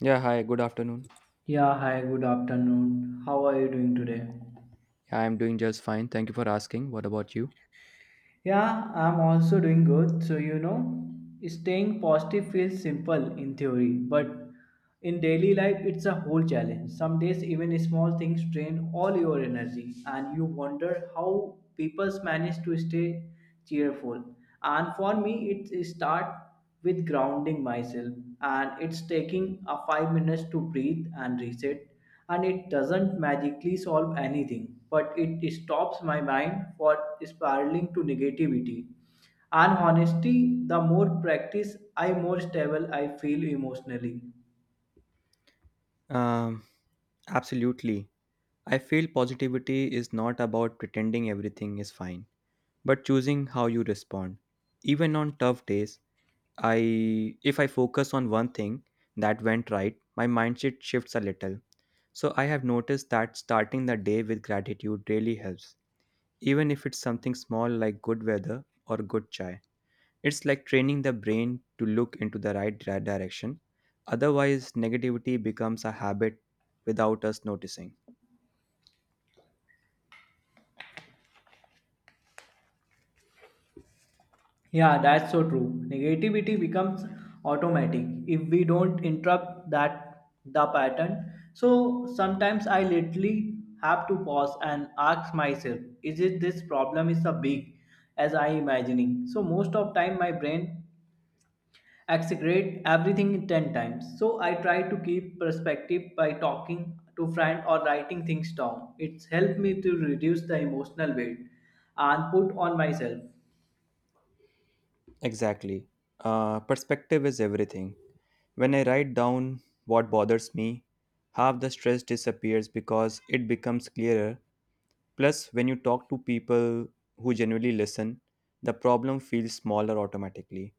Yeah, hi, good afternoon. Yeah, hi, good afternoon. How are you doing today? I'm doing just fine. Thank you for asking. What about you? Yeah, I'm also doing good. So, staying positive feels simple in theory, but in daily life, it's a whole challenge. Some days, even small things drain all your energy, and you wonder how people manage to stay cheerful. And for me, it start with grounding myself and it's taking a 5 minutes to breathe and reset, and it doesn't magically solve anything but it stops my mind for spiraling to negativity. And honestly, the more practice I more stable I feel emotionally. Um, Absolutely. I feel positivity is not about pretending everything is fine, but choosing how you respond. Even on tough days, I if I focus on one thing that went right, my mindset shifts a little. So I have noticed that starting the day with gratitude really helps, even if it's something small like good weather or good chai. It's like training the brain to look into the direction. Otherwise, negativity becomes a habit without us noticing. Yeah, that's so true. Negativity becomes automatic if we don't interrupt that the pattern. So sometimes I literally have to pause and ask myself, is it this problem is so big as I imagining? So most of time my brain exaggerate everything 10 times. So I try to keep perspective by talking to friend or writing things down. It's helped me to reduce the emotional weight and put on myself. Exactly. Perspective is everything. When I write down what bothers me, half the stress disappears because it becomes clearer. Plus, when you talk to people who genuinely listen, the problem feels smaller automatically.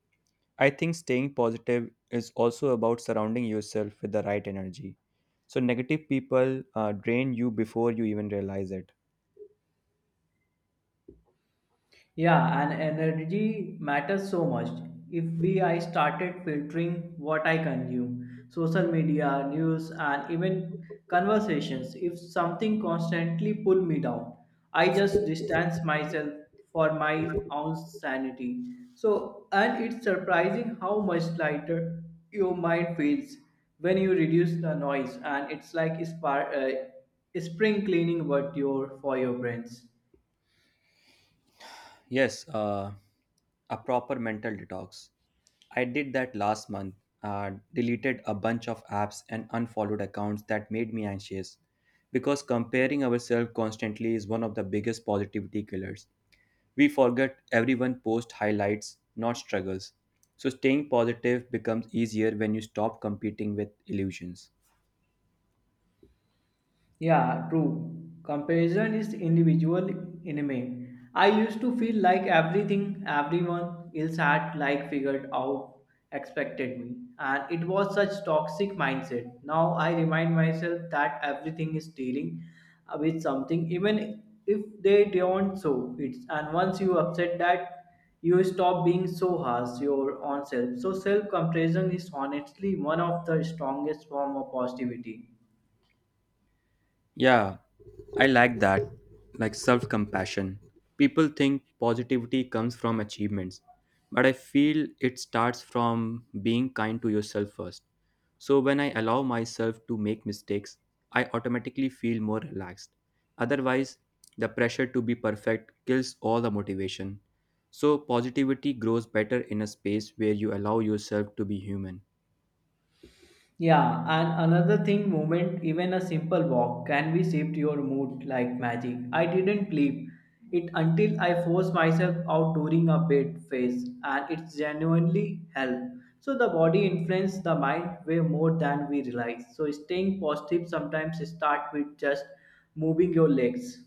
I think staying positive is also about surrounding yourself with the right energy. So, negative people drain you before you even realize it. Yeah, and energy matters so much. If we I started filtering what I consume, social media, news, and even conversations. If something constantly pull me down, I just distance myself for my own sanity. So, and it's surprising how much lighter your mind feels when you reduce the noise, and it's like spring cleaning what your for your brains. Yes, a proper mental detox. I did that last month, deleted a bunch of apps and unfollowed accounts that made me anxious because comparing ourselves constantly is one of the biggest positivity killers. We forget everyone posts highlights, not struggles. So staying positive becomes easier when you stop competing with illusions. Yeah, true. Comparison is individual enemy. I used to feel like everything everyone else had like figured out expected me. And it was such toxic mindset. Now I remind myself that everything is dealing with something, even if they don't, so it's, and once you upset that, you stop being so harsh your own self. So self comparison is honestly one of the strongest form of positivity. Yeah, I like that. Like self compassion. People think positivity comes from achievements, but I feel it starts from being kind to yourself first. So when I allow myself to make mistakes, I automatically feel more relaxed. Otherwise, the pressure to be perfect kills all the motivation. So positivity grows better in a space where you allow yourself to be human. Yeah, and another thing, movement, even a simple walk, can be shift your mood like magic. I didn't believe it until I forced myself out during a bed phase, and it's genuinely help. So the body influences the mind way more than we realize. So staying positive sometimes start with just moving your legs.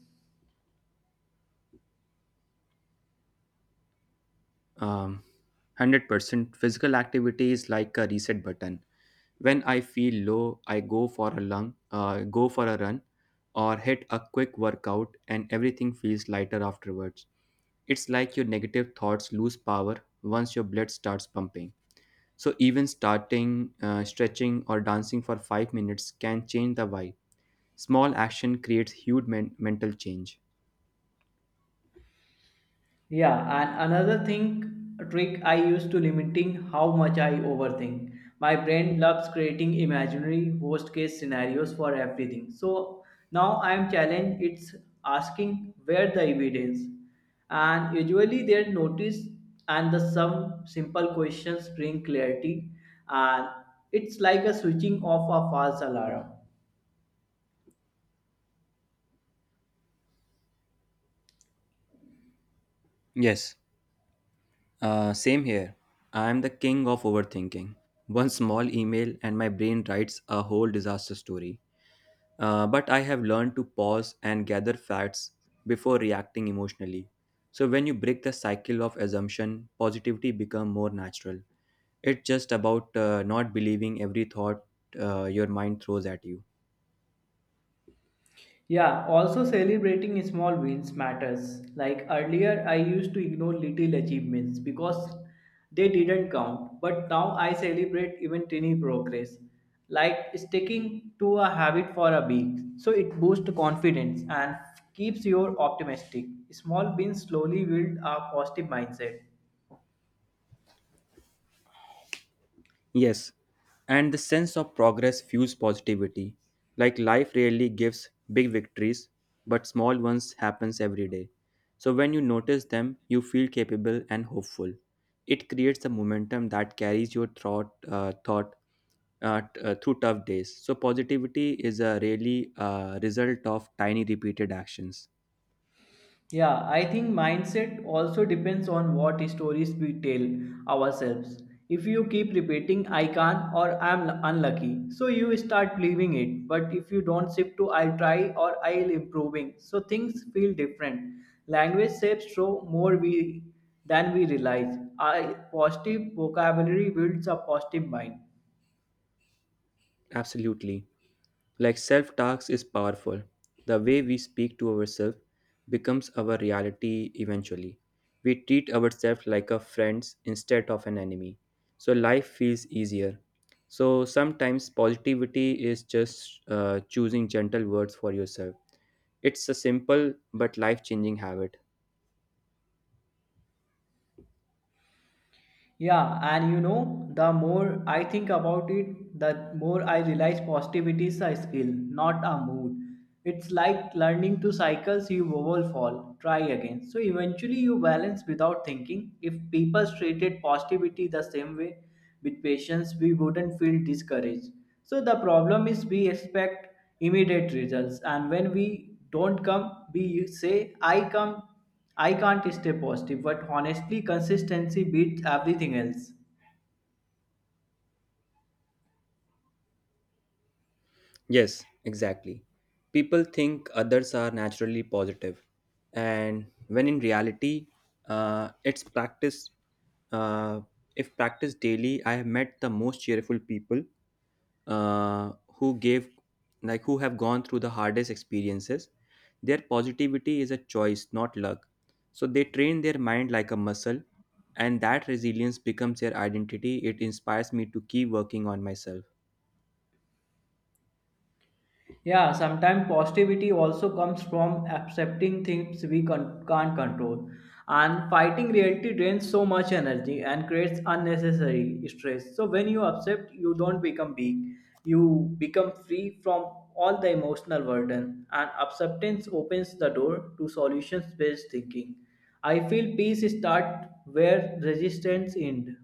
um, 100% physical activity is like a reset button. When I feel low, I go for a run or hit a quick workout, and everything feels lighter afterwards. It's like your negative thoughts lose power once your blood starts pumping. So even starting stretching or dancing for 5 minutes can change the vibe. Small action creates huge mental change. Yeah, and another thing, trick I use to limiting how much I overthink. My brain loves creating imaginary worst case scenarios for everything. So now I am challenged. It's asking where the evidence, and usually they notice, and the some simple questions bring clarity, and it's like a switching off a false alarm. Yes, same here. I am the king of overthinking. One small email and my brain writes a whole disaster story. But I have learned to pause and gather facts before reacting emotionally. So when you break the cycle of assumption, positivity become more natural. It's just about not believing every thought your mind throws at you. Yeah, also celebrating small wins matters. Like earlier, I used to ignore little achievements because they didn't count. But now I celebrate even tiny progress, like sticking to a habit for a week. So it boosts confidence and keeps you optimistic. Small wins slowly build a positive mindset. Yes, and the sense of progress fuels positivity. Like life rarely gives big victories, but small ones happens every day. So when you notice them, you feel capable and hopeful. It creates a momentum that carries your through tough days. So positivity is a really result of tiny repeated actions. Yeah, I think mindset also depends on what stories we tell ourselves. If you keep repeating I can't or I'm unlucky, so you start believing it. But if you don't shift to I'll try or I'll improving, so things feel different. Language shapes show more we than we realize. I positive vocabulary builds a positive mind. Absolutely. Like self talks is powerful. The way we speak to ourselves becomes our reality eventually. We treat ourselves like a friend instead of an enemy. So life feels easier. So sometimes positivity is just choosing gentle words for yourself. It's a simple but life changing habit. Yeah, and the more I think about it, the more I realize positivity is a skill, not a mood. It's like learning to cycles you wobble, fall, try again. So eventually you balance without thinking. If people treated positivity the same way with patience, we wouldn't feel discouraged. So the problem is we expect immediate results, and when we don't come, we say, I can't stay positive, but honestly, consistency beats everything else. Yes, exactly. People think others are naturally positive, and when in reality, it's practice. Uh, if practiced daily, I have met the most cheerful people who who have gone through the hardest experiences. Their positivity is a choice, not luck. So they train their mind like a muscle, and that resilience becomes their identity. It inspires me to keep working on myself. Yeah, sometimes positivity also comes from accepting things can't control. And fighting reality drains so much energy and creates unnecessary stress. So, when you accept, you don't become weak, you become free from all the emotional burden. And acceptance opens the door to solutions based thinking. I feel peace start where resistance end.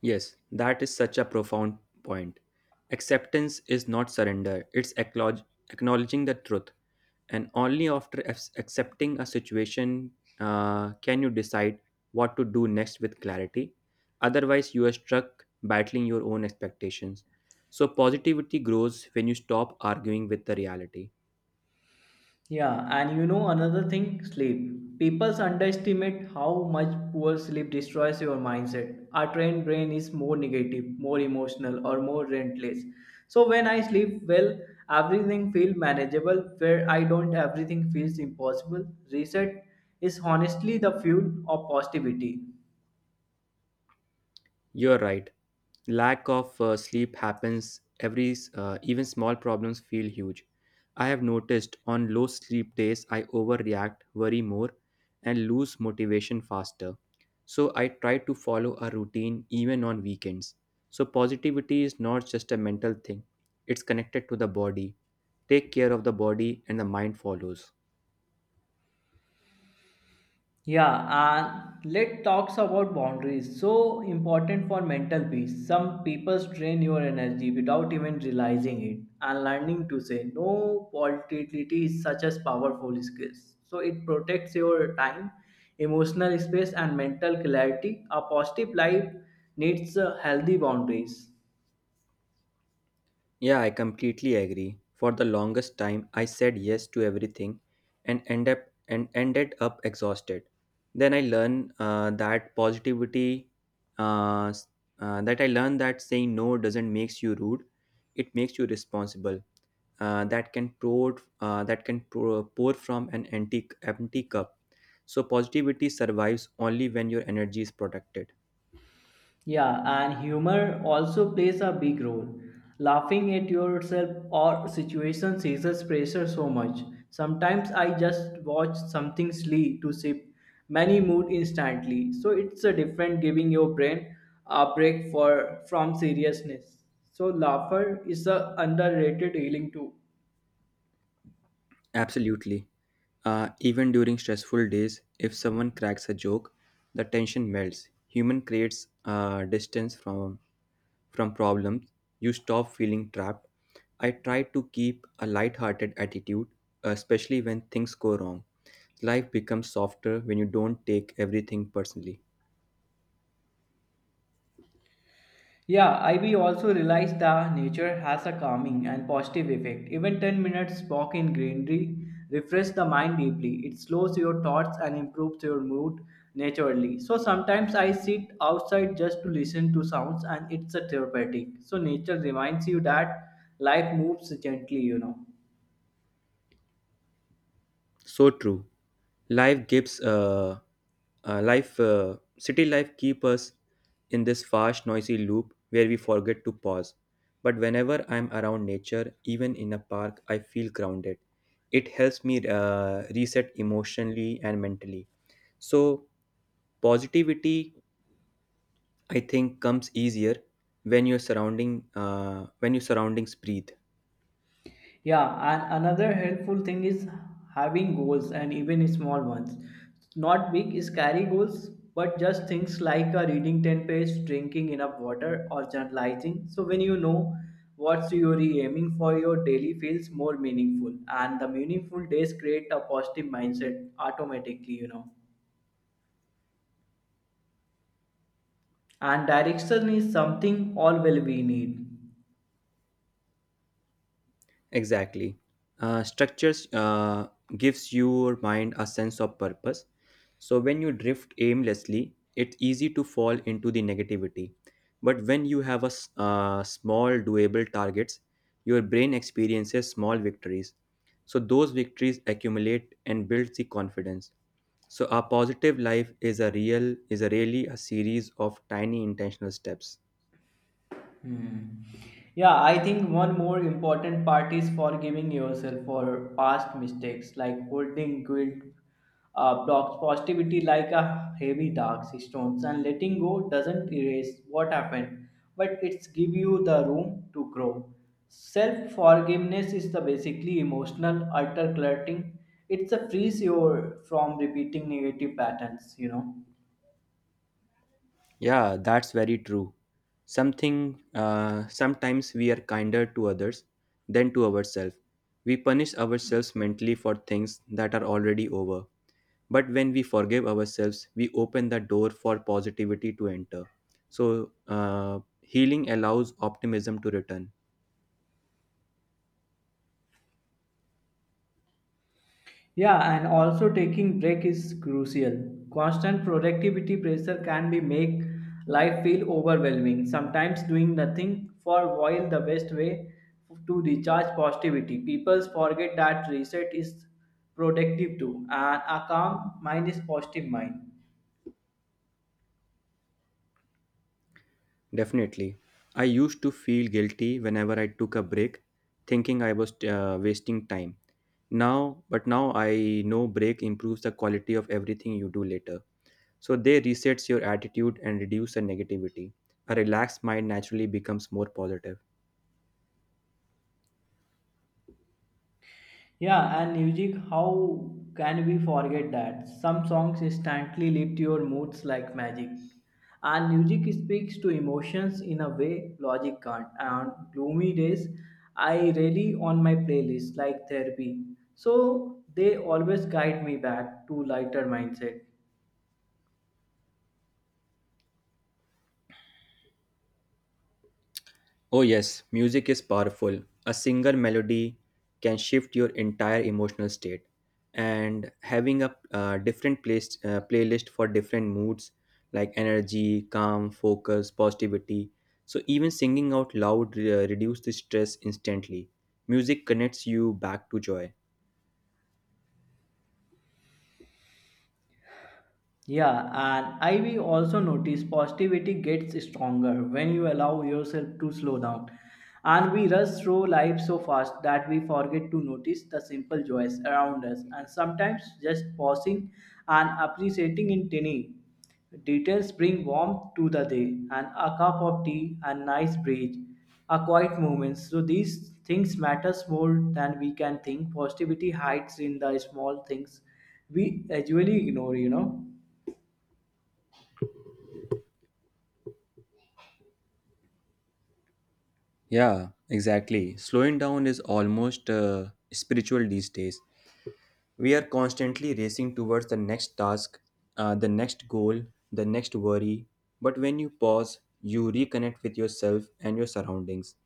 Yes, that is such a profound point. Acceptance is not surrender, it's acknowledging the truth. And only after accepting a situation can you decide what to do next with clarity. Otherwise, you are stuck battling your own expectations. So, positivity grows when you stop arguing with the reality. Yeah, and another thing, sleep. People underestimate how much poor sleep destroys your mindset. Our trained brain is more negative, more emotional, or more relentless. So when I sleep well, everything feels manageable. Where I don't, everything feels impossible. Reset is honestly the fuel of positivity. You're right. Lack of sleep happens even small problems feel huge. I have noticed on low sleep days, I overreact, worry more, and lose motivation faster. So I try to follow a routine even on weekends. So positivity is not just a mental thing, it's connected to the body. Take care of the body, and the mind follows. Yeah, and let talks about boundaries. So important for mental peace. Some people drain your energy without even realizing it, and learning to say no volatility is such as powerful skill. So it protects your time, emotional space, and mental clarity. A positive life needs healthy boundaries. Yeah, I completely agree. For the longest time, I said yes to everything and ended up exhausted. Then I learned that positivity, s- that I learned that saying no doesn't makes you rude; it makes you responsible. That can pour from an empty cup. So positivity survives only when your energy is protected. Yeah, and humor also plays a big role. Laughing at yourself or situations eases pressure so much. Sometimes I just watch something silly to sip many mood instantly. So it's a different giving your brain a break for from seriousness. So laughter is a underrated healing tool. Absolutely. Even during stressful days, if someone cracks a joke, the tension melts. Human creates distance from problems. You stop feeling trapped. I try to keep a light-hearted attitude, especially when things go wrong. Life becomes softer when you don't take everything personally. Yeah, I we also realized that nature has a calming and positive effect. Even 10 minutes walk in greenery refresh the mind deeply. It slows your thoughts and improves your mood naturally. So sometimes I sit outside just to listen to sounds and it's a therapeutic. So nature reminds you that life moves gently, So true. Life gives life City life keep us in this fast noisy loop where we forget to pause. But whenever I'm around nature, even in a park, I feel grounded. It helps me reset emotionally and mentally. So positivity, I think, comes easier when your surroundings breathe. Yeah, and another helpful thing is having goals and even small ones. Not big, scary goals, but just things like reading 10 pages, drinking enough water, or journalizing. So when you know what you're aiming for, your daily feels more meaningful, and the meaningful days create a positive mindset automatically, And direction is something all will we need. Exactly. Structures gives your mind a sense of purpose. So when you drift aimlessly, it's easy to fall into the negativity. But when you have a small doable targets, your brain experiences small victories. So those victories accumulate and builds the confidence. So a positive life is a really a series of tiny intentional steps. Hmm. Yeah, I think one more important part is forgiving yourself for past mistakes, like holding guilt blocks positivity like a heavy dark stones, and letting go doesn't erase what happened, but it's give you the room to grow. Self forgiveness is the basically emotional alter cluttering. It's a frees you from repeating negative patterns. Yeah, that's very true. Something Sometimes we are kinder to others than to ourselves. We punish ourselves mentally for things that are already over. But when we forgive ourselves, we open the door for positivity to enter. So, healing allows optimism to return. Yeah, and also taking break is crucial. Constant productivity pressure can be make life feel overwhelming. Sometimes doing nothing for a while the best way to recharge positivity. People forget that reset is productive too, and a calm mind is positive mind. Definitely. I used to feel guilty whenever I took a break, thinking I was wasting time. But now I know break improves the quality of everything you do later. So they resets your attitude and reduce the negativity. A relaxed mind naturally becomes more positive. Yeah, and music, how can we forget that? Some songs instantly lift your moods like magic. And music speaks to emotions in a way logic can't. And on gloomy days, I really on my playlist like therapy. So they always guide me back to lighter mindset. Oh yes, music is powerful. A single melody can shift your entire emotional state. And having a playlist for different moods like energy, calm, focus, positivity. So even singing out loud reduce the stress instantly. Music connects you back to joy. Yeah, and I will also notice positivity gets stronger when you allow yourself to slow down. And we rush through life so fast that we forget to notice the simple joys around us. And sometimes just pausing and appreciating in tiny details bring warmth to the day. And a cup of tea, a nice breeze, a quiet moment. So these things matters more than we can think. Positivity hides in the small things we usually ignore. Yeah, exactly. Slowing down is almost spiritual these days. We are constantly racing towards the next task, the next goal, the next worry. But when you pause, you reconnect with yourself and your surroundings.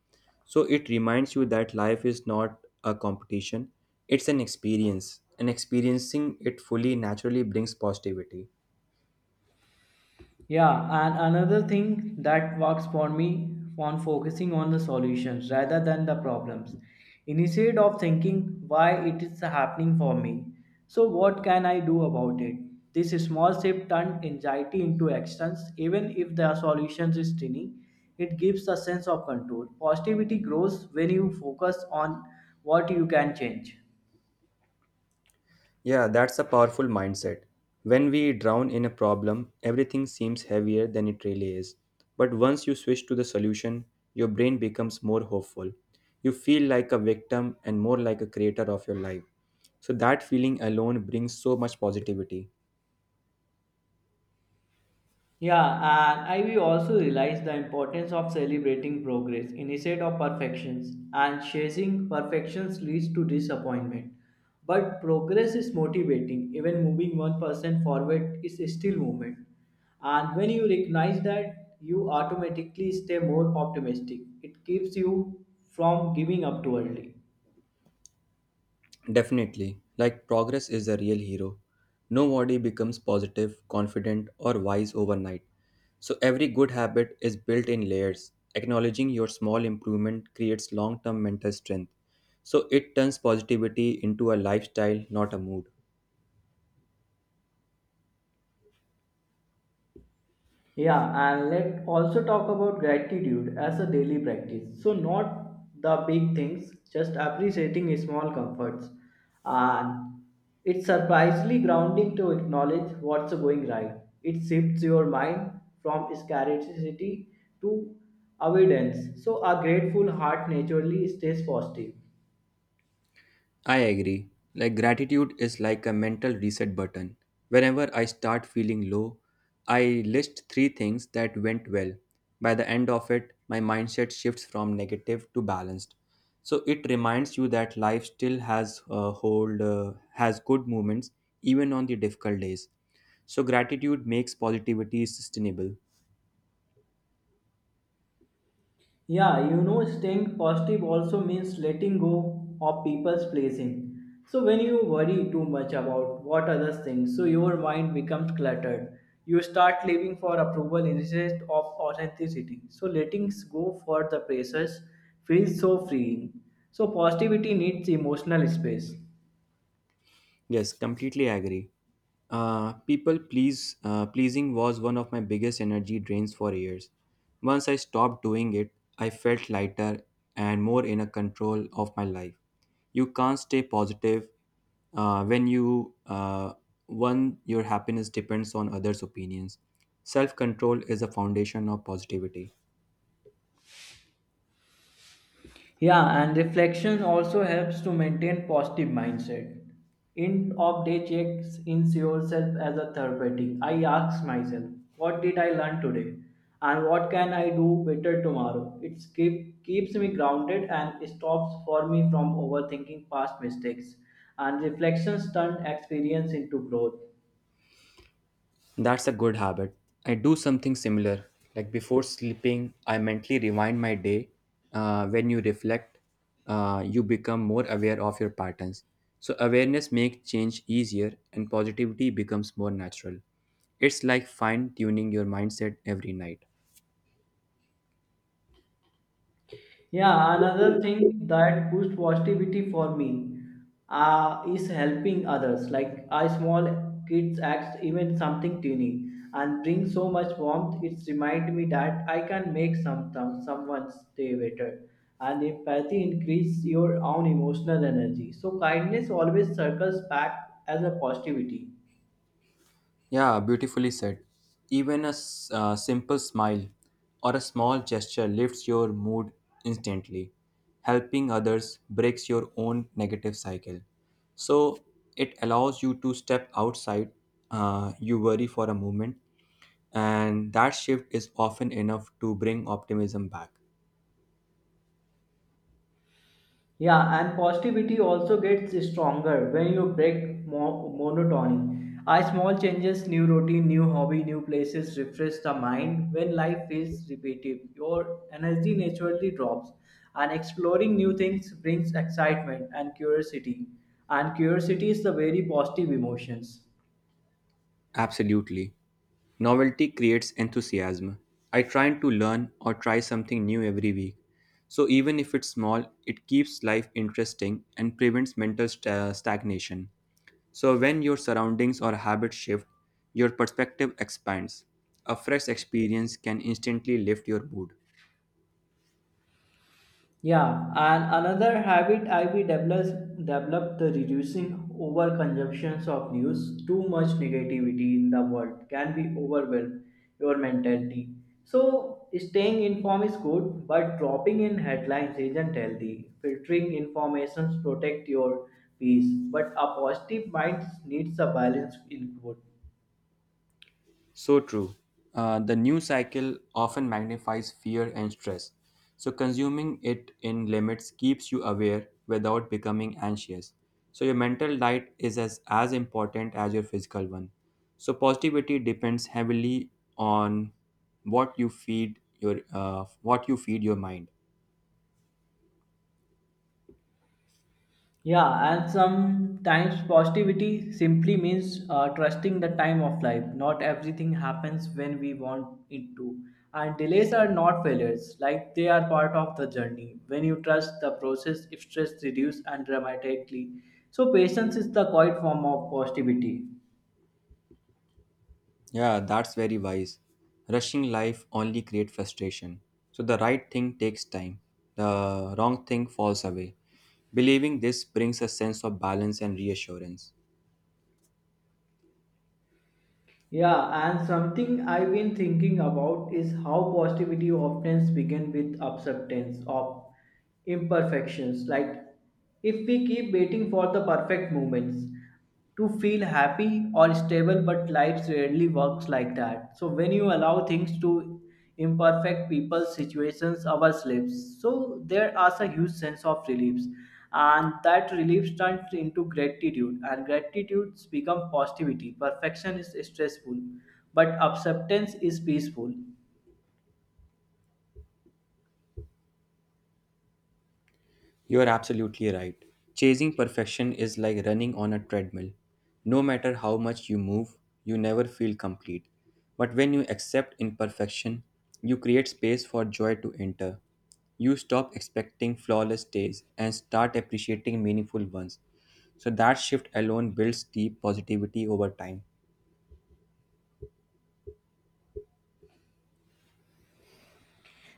So it reminds you that life is not a competition, it's an experience. And experiencing it fully naturally brings positivity. Yeah, and another thing that works for me on focusing on the solutions rather than the problems. Instead of thinking why it is happening for me, so what can I do about it? This small shift turned anxiety into actions, even if the solution is tiny. It gives a sense of control. Positivity grows when you focus on what you can change. Yeah, that's a powerful mindset. When we drown in a problem, everything seems heavier than it really is. But once you switch to the solution, your brain becomes more hopeful. You feel like a victim and more like a creator of your life. So, that feeling alone brings so much positivity. Yeah, and I will also realize the importance of celebrating progress instead of perfections, and chasing perfections leads to disappointment. But progress is motivating, even moving 1% forward is still movement. And when you recognize that, you automatically stay more optimistic. It keeps you from giving up too early. Definitely, like progress is the real hero. Nobody becomes positive, confident, or wise overnight. So, every good habit is built in layers. Acknowledging your small improvement creates long term mental strength. So, it turns positivity into a lifestyle, not a mood. Yeah, and let's also talk about gratitude as a daily practice. So, not the big things, just appreciating small comforts. And it's surprisingly grounding to acknowledge what's going right. It shifts your mind from scarcity to abundance. So, a grateful heart naturally stays positive. I agree. Like gratitude is like a mental reset button. Whenever I start feeling low, I list three things that went well. By the end of it, my mindset shifts from negative to balanced. So it reminds you that life still has good moments even on the difficult days. So gratitude makes positivity sustainable. Yeah, staying positive also means letting go of people's pleasing. So when you worry too much about what others think, so your mind becomes cluttered. You start living for approval instead of authenticity. So letting go for the pressures feels so freeing. So positivity needs emotional space. Yes, completely agree. People please Pleasing was one of my biggest energy drains for years. Once I stopped doing it, I felt lighter and more in a control of my life. You can't stay positive when your happiness depends on others' opinions. Self control is the foundation of positivity. Yeah, and reflection also helps to maintain positive mindset. End of day checks in yourself as a therapeutic. I ask myself, what did I learn today? And what can I do better tomorrow? It keeps me grounded and stops for me from overthinking past mistakes. And reflections turn experience into growth. That's a good habit. I do something similar. Like before sleeping, I mentally rewind my day. When you reflect, you become more aware of your patterns. So, awareness makes change easier and positivity becomes more natural. It's like fine tuning your mindset every night. Yeah, another thing that boosts positivity for me is helping others. Like a small kids acts, even something tiny, and brings so much warmth. It's remind me that I can make someone's day better. And empathy increase your own emotional energy. So kindness always circles back as a positivity. Yeah, beautifully said. Even a simple smile or a small gesture lifts your mood instantly. Helping others breaks your own negative cycle. So it allows you to step outside you worry for a moment, and that shift is often enough to bring optimism back. Yeah, and positivity also gets stronger when you break monotony. A small changes, new routine, new hobby, new places refresh the mind. When life feels repetitive, your energy naturally drops. And exploring new things brings excitement and curiosity. And curiosity is the very positive emotions. Absolutely. Novelty creates enthusiasm. I try to learn or try something new every week. So even if it's small, it keeps life interesting and prevents mental stagnation. So when your surroundings or habits shift, your perspective expands. A fresh experience can instantly lift your mood. Yeah, and another habit I be develops developed the reducing overconsumptions of news. Too much negativity in the world can be overwhelm your mentality. So staying informed is good, but dropping in headlines isn't healthy. Filtering information protect your peace, but a positive mind needs a balanced input. So true. The news cycle often magnifies fear and stress. So, consuming it in limits keeps you aware without becoming anxious. So, your mental diet is as important as your physical one. So, positivity depends heavily on what you feed your mind. Yeah, and sometimes positivity simply means trusting the time of life. Not everything happens when we want it to. And delays are not failures, like they are part of the journey. When you trust the process, stress reduces and dramatically. So, patience is the quiet form of positivity. Yeah, that's very wise. Rushing life only creates frustration. So the right thing takes time, the wrong thing falls away. Believing this brings a sense of balance and reassurance. Yeah, and something I've been thinking about is how positivity often begins with acceptance of imperfections. Like, if we keep waiting for the perfect moments to feel happy or stable, but life rarely works like that. So, when you allow things to imperfect people, situations, our slaves. So there is a huge sense of relief, and that relief turns into gratitude, and gratitude becomes positivity. Perfection is stressful, but acceptance is peaceful. You are absolutely right. Chasing perfection is like running on a treadmill. No matter how much you move, you never feel complete. But when you accept imperfection, you create space for joy to enter. You stop expecting flawless days and start appreciating meaningful ones. So that shift alone builds deep positivity over time.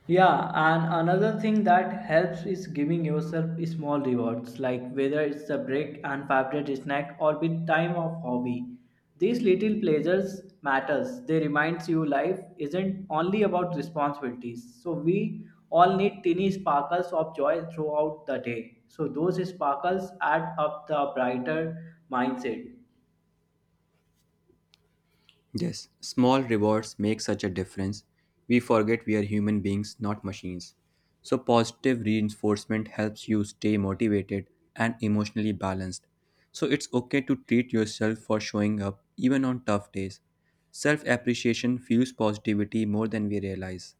Yeah, and another thing that helps is giving yourself small rewards, like whether it's a break and favorite snack or with time of hobby. These little pleasures matters. They reminds you life isn't only about responsibilities. So we all need tiny sparkles of joy throughout the day. So those sparkles add up the brighter mindset. Yes, small rewards make such a difference. We forget we are human beings, not machines. So, positive reinforcement helps you stay motivated and emotionally balanced. So, it's okay to treat yourself for showing up even on tough days. Self appreciation fuels positivity more than we realize.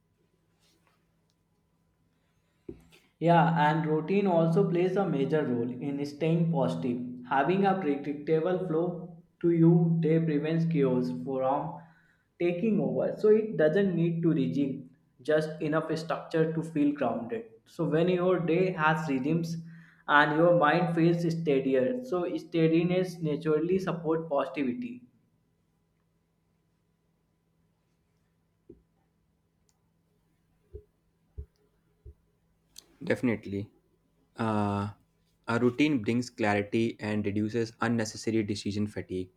Yeah, and routine also plays a major role in staying positive. Having a predictable flow to your day prevents chaos from taking over. So it doesn't need to regime, just enough structure to feel grounded. So when your day has rhythms and your mind feels steadier, so steadiness naturally supports positivity. Definitely. Uh, a routine brings clarity and reduces unnecessary decision fatigue.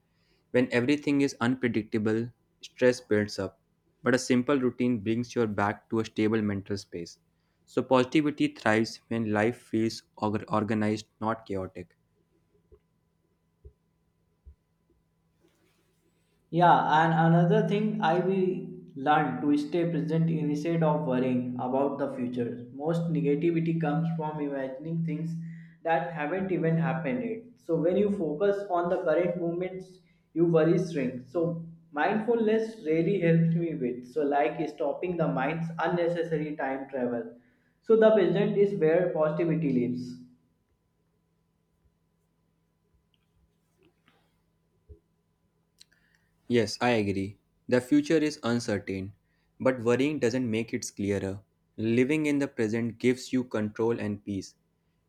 When everything is unpredictable, stress builds up, but a simple routine brings you back to a stable mental space. So, positivity thrives when life feels organized, not chaotic. Yeah, and another thing I will learn to stay present instead of worrying about the future. Most negativity comes from imagining things that haven't even happened yet. So when you focus on the current moments, you worry shrink. So mindfulness really helps me with. So like stopping the mind's unnecessary time travel. So the present is where positivity lives. Yes, I agree. The future is uncertain, but worrying doesn't make it clearer. Living in the present gives you control and peace.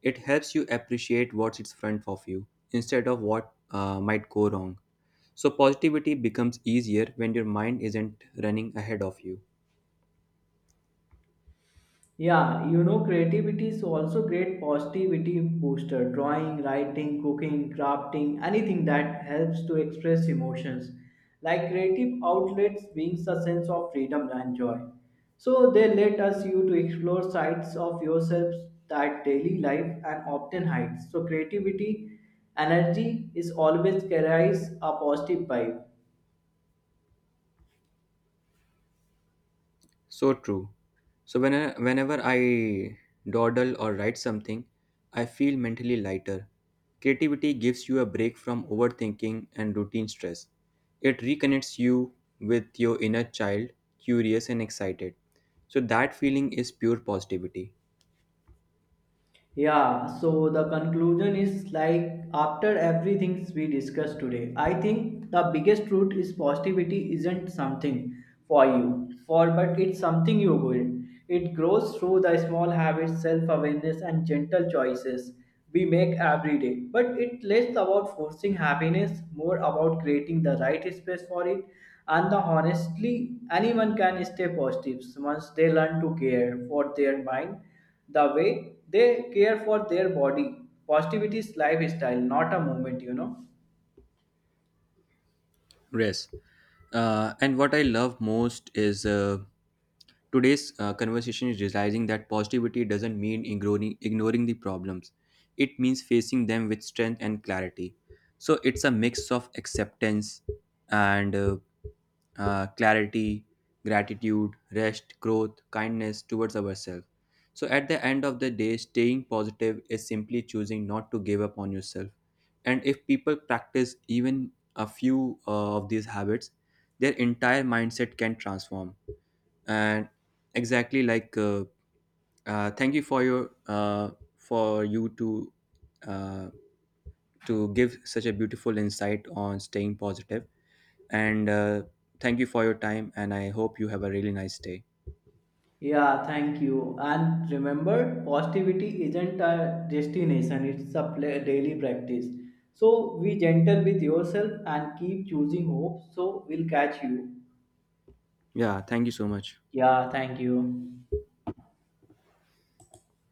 It helps you appreciate what's in front of you instead of what might go wrong. So, positivity becomes easier when your mind isn't running ahead of you. Yeah, creativity is also great positivity booster. Drawing, writing, cooking, crafting, anything that helps to express emotions. Like creative outlets brings a sense of freedom and joy. So they let us you to explore sides of yourselves that daily life and often hides. So creativity energy is always carries a positive vibe. So true. So whenever I dawdle or write something, I feel mentally lighter. Creativity gives you a break from overthinking and routine stress. It reconnects you with your inner child, curious and excited. So that feeling is pure positivity. Yeah, so the conclusion is like after everything we discussed today, I think the biggest truth is positivity isn't something for you, for but it's something you build. It grows through the small habits, self-awareness, and gentle choices we make every day. But it less about forcing happiness, more about creating the right space for it. And the honestly, anyone can stay positive once they learn to care for their mind the way they care for their body. Positivity is lifestyle, not a movement, Yes. And what I love most is today's conversation is realizing that positivity doesn't mean ignoring the problems. It means facing them with strength and clarity. So it's a mix of acceptance and clarity, gratitude, rest, growth, kindness towards ourselves. So at the end of the day, staying positive is simply choosing not to give up on yourself. And if people practice even a few of these habits, their entire mindset can transform. And exactly like thank you for your for you uh, to give such a beautiful insight on staying positive. And Thank you for your time. And I hope you have a really nice day. Yeah, thank you. And remember, positivity isn't a destination, it's a daily practice. So be gentle with yourself and keep choosing hope. So we'll catch you. Yeah, thank you so much. Yeah, thank you.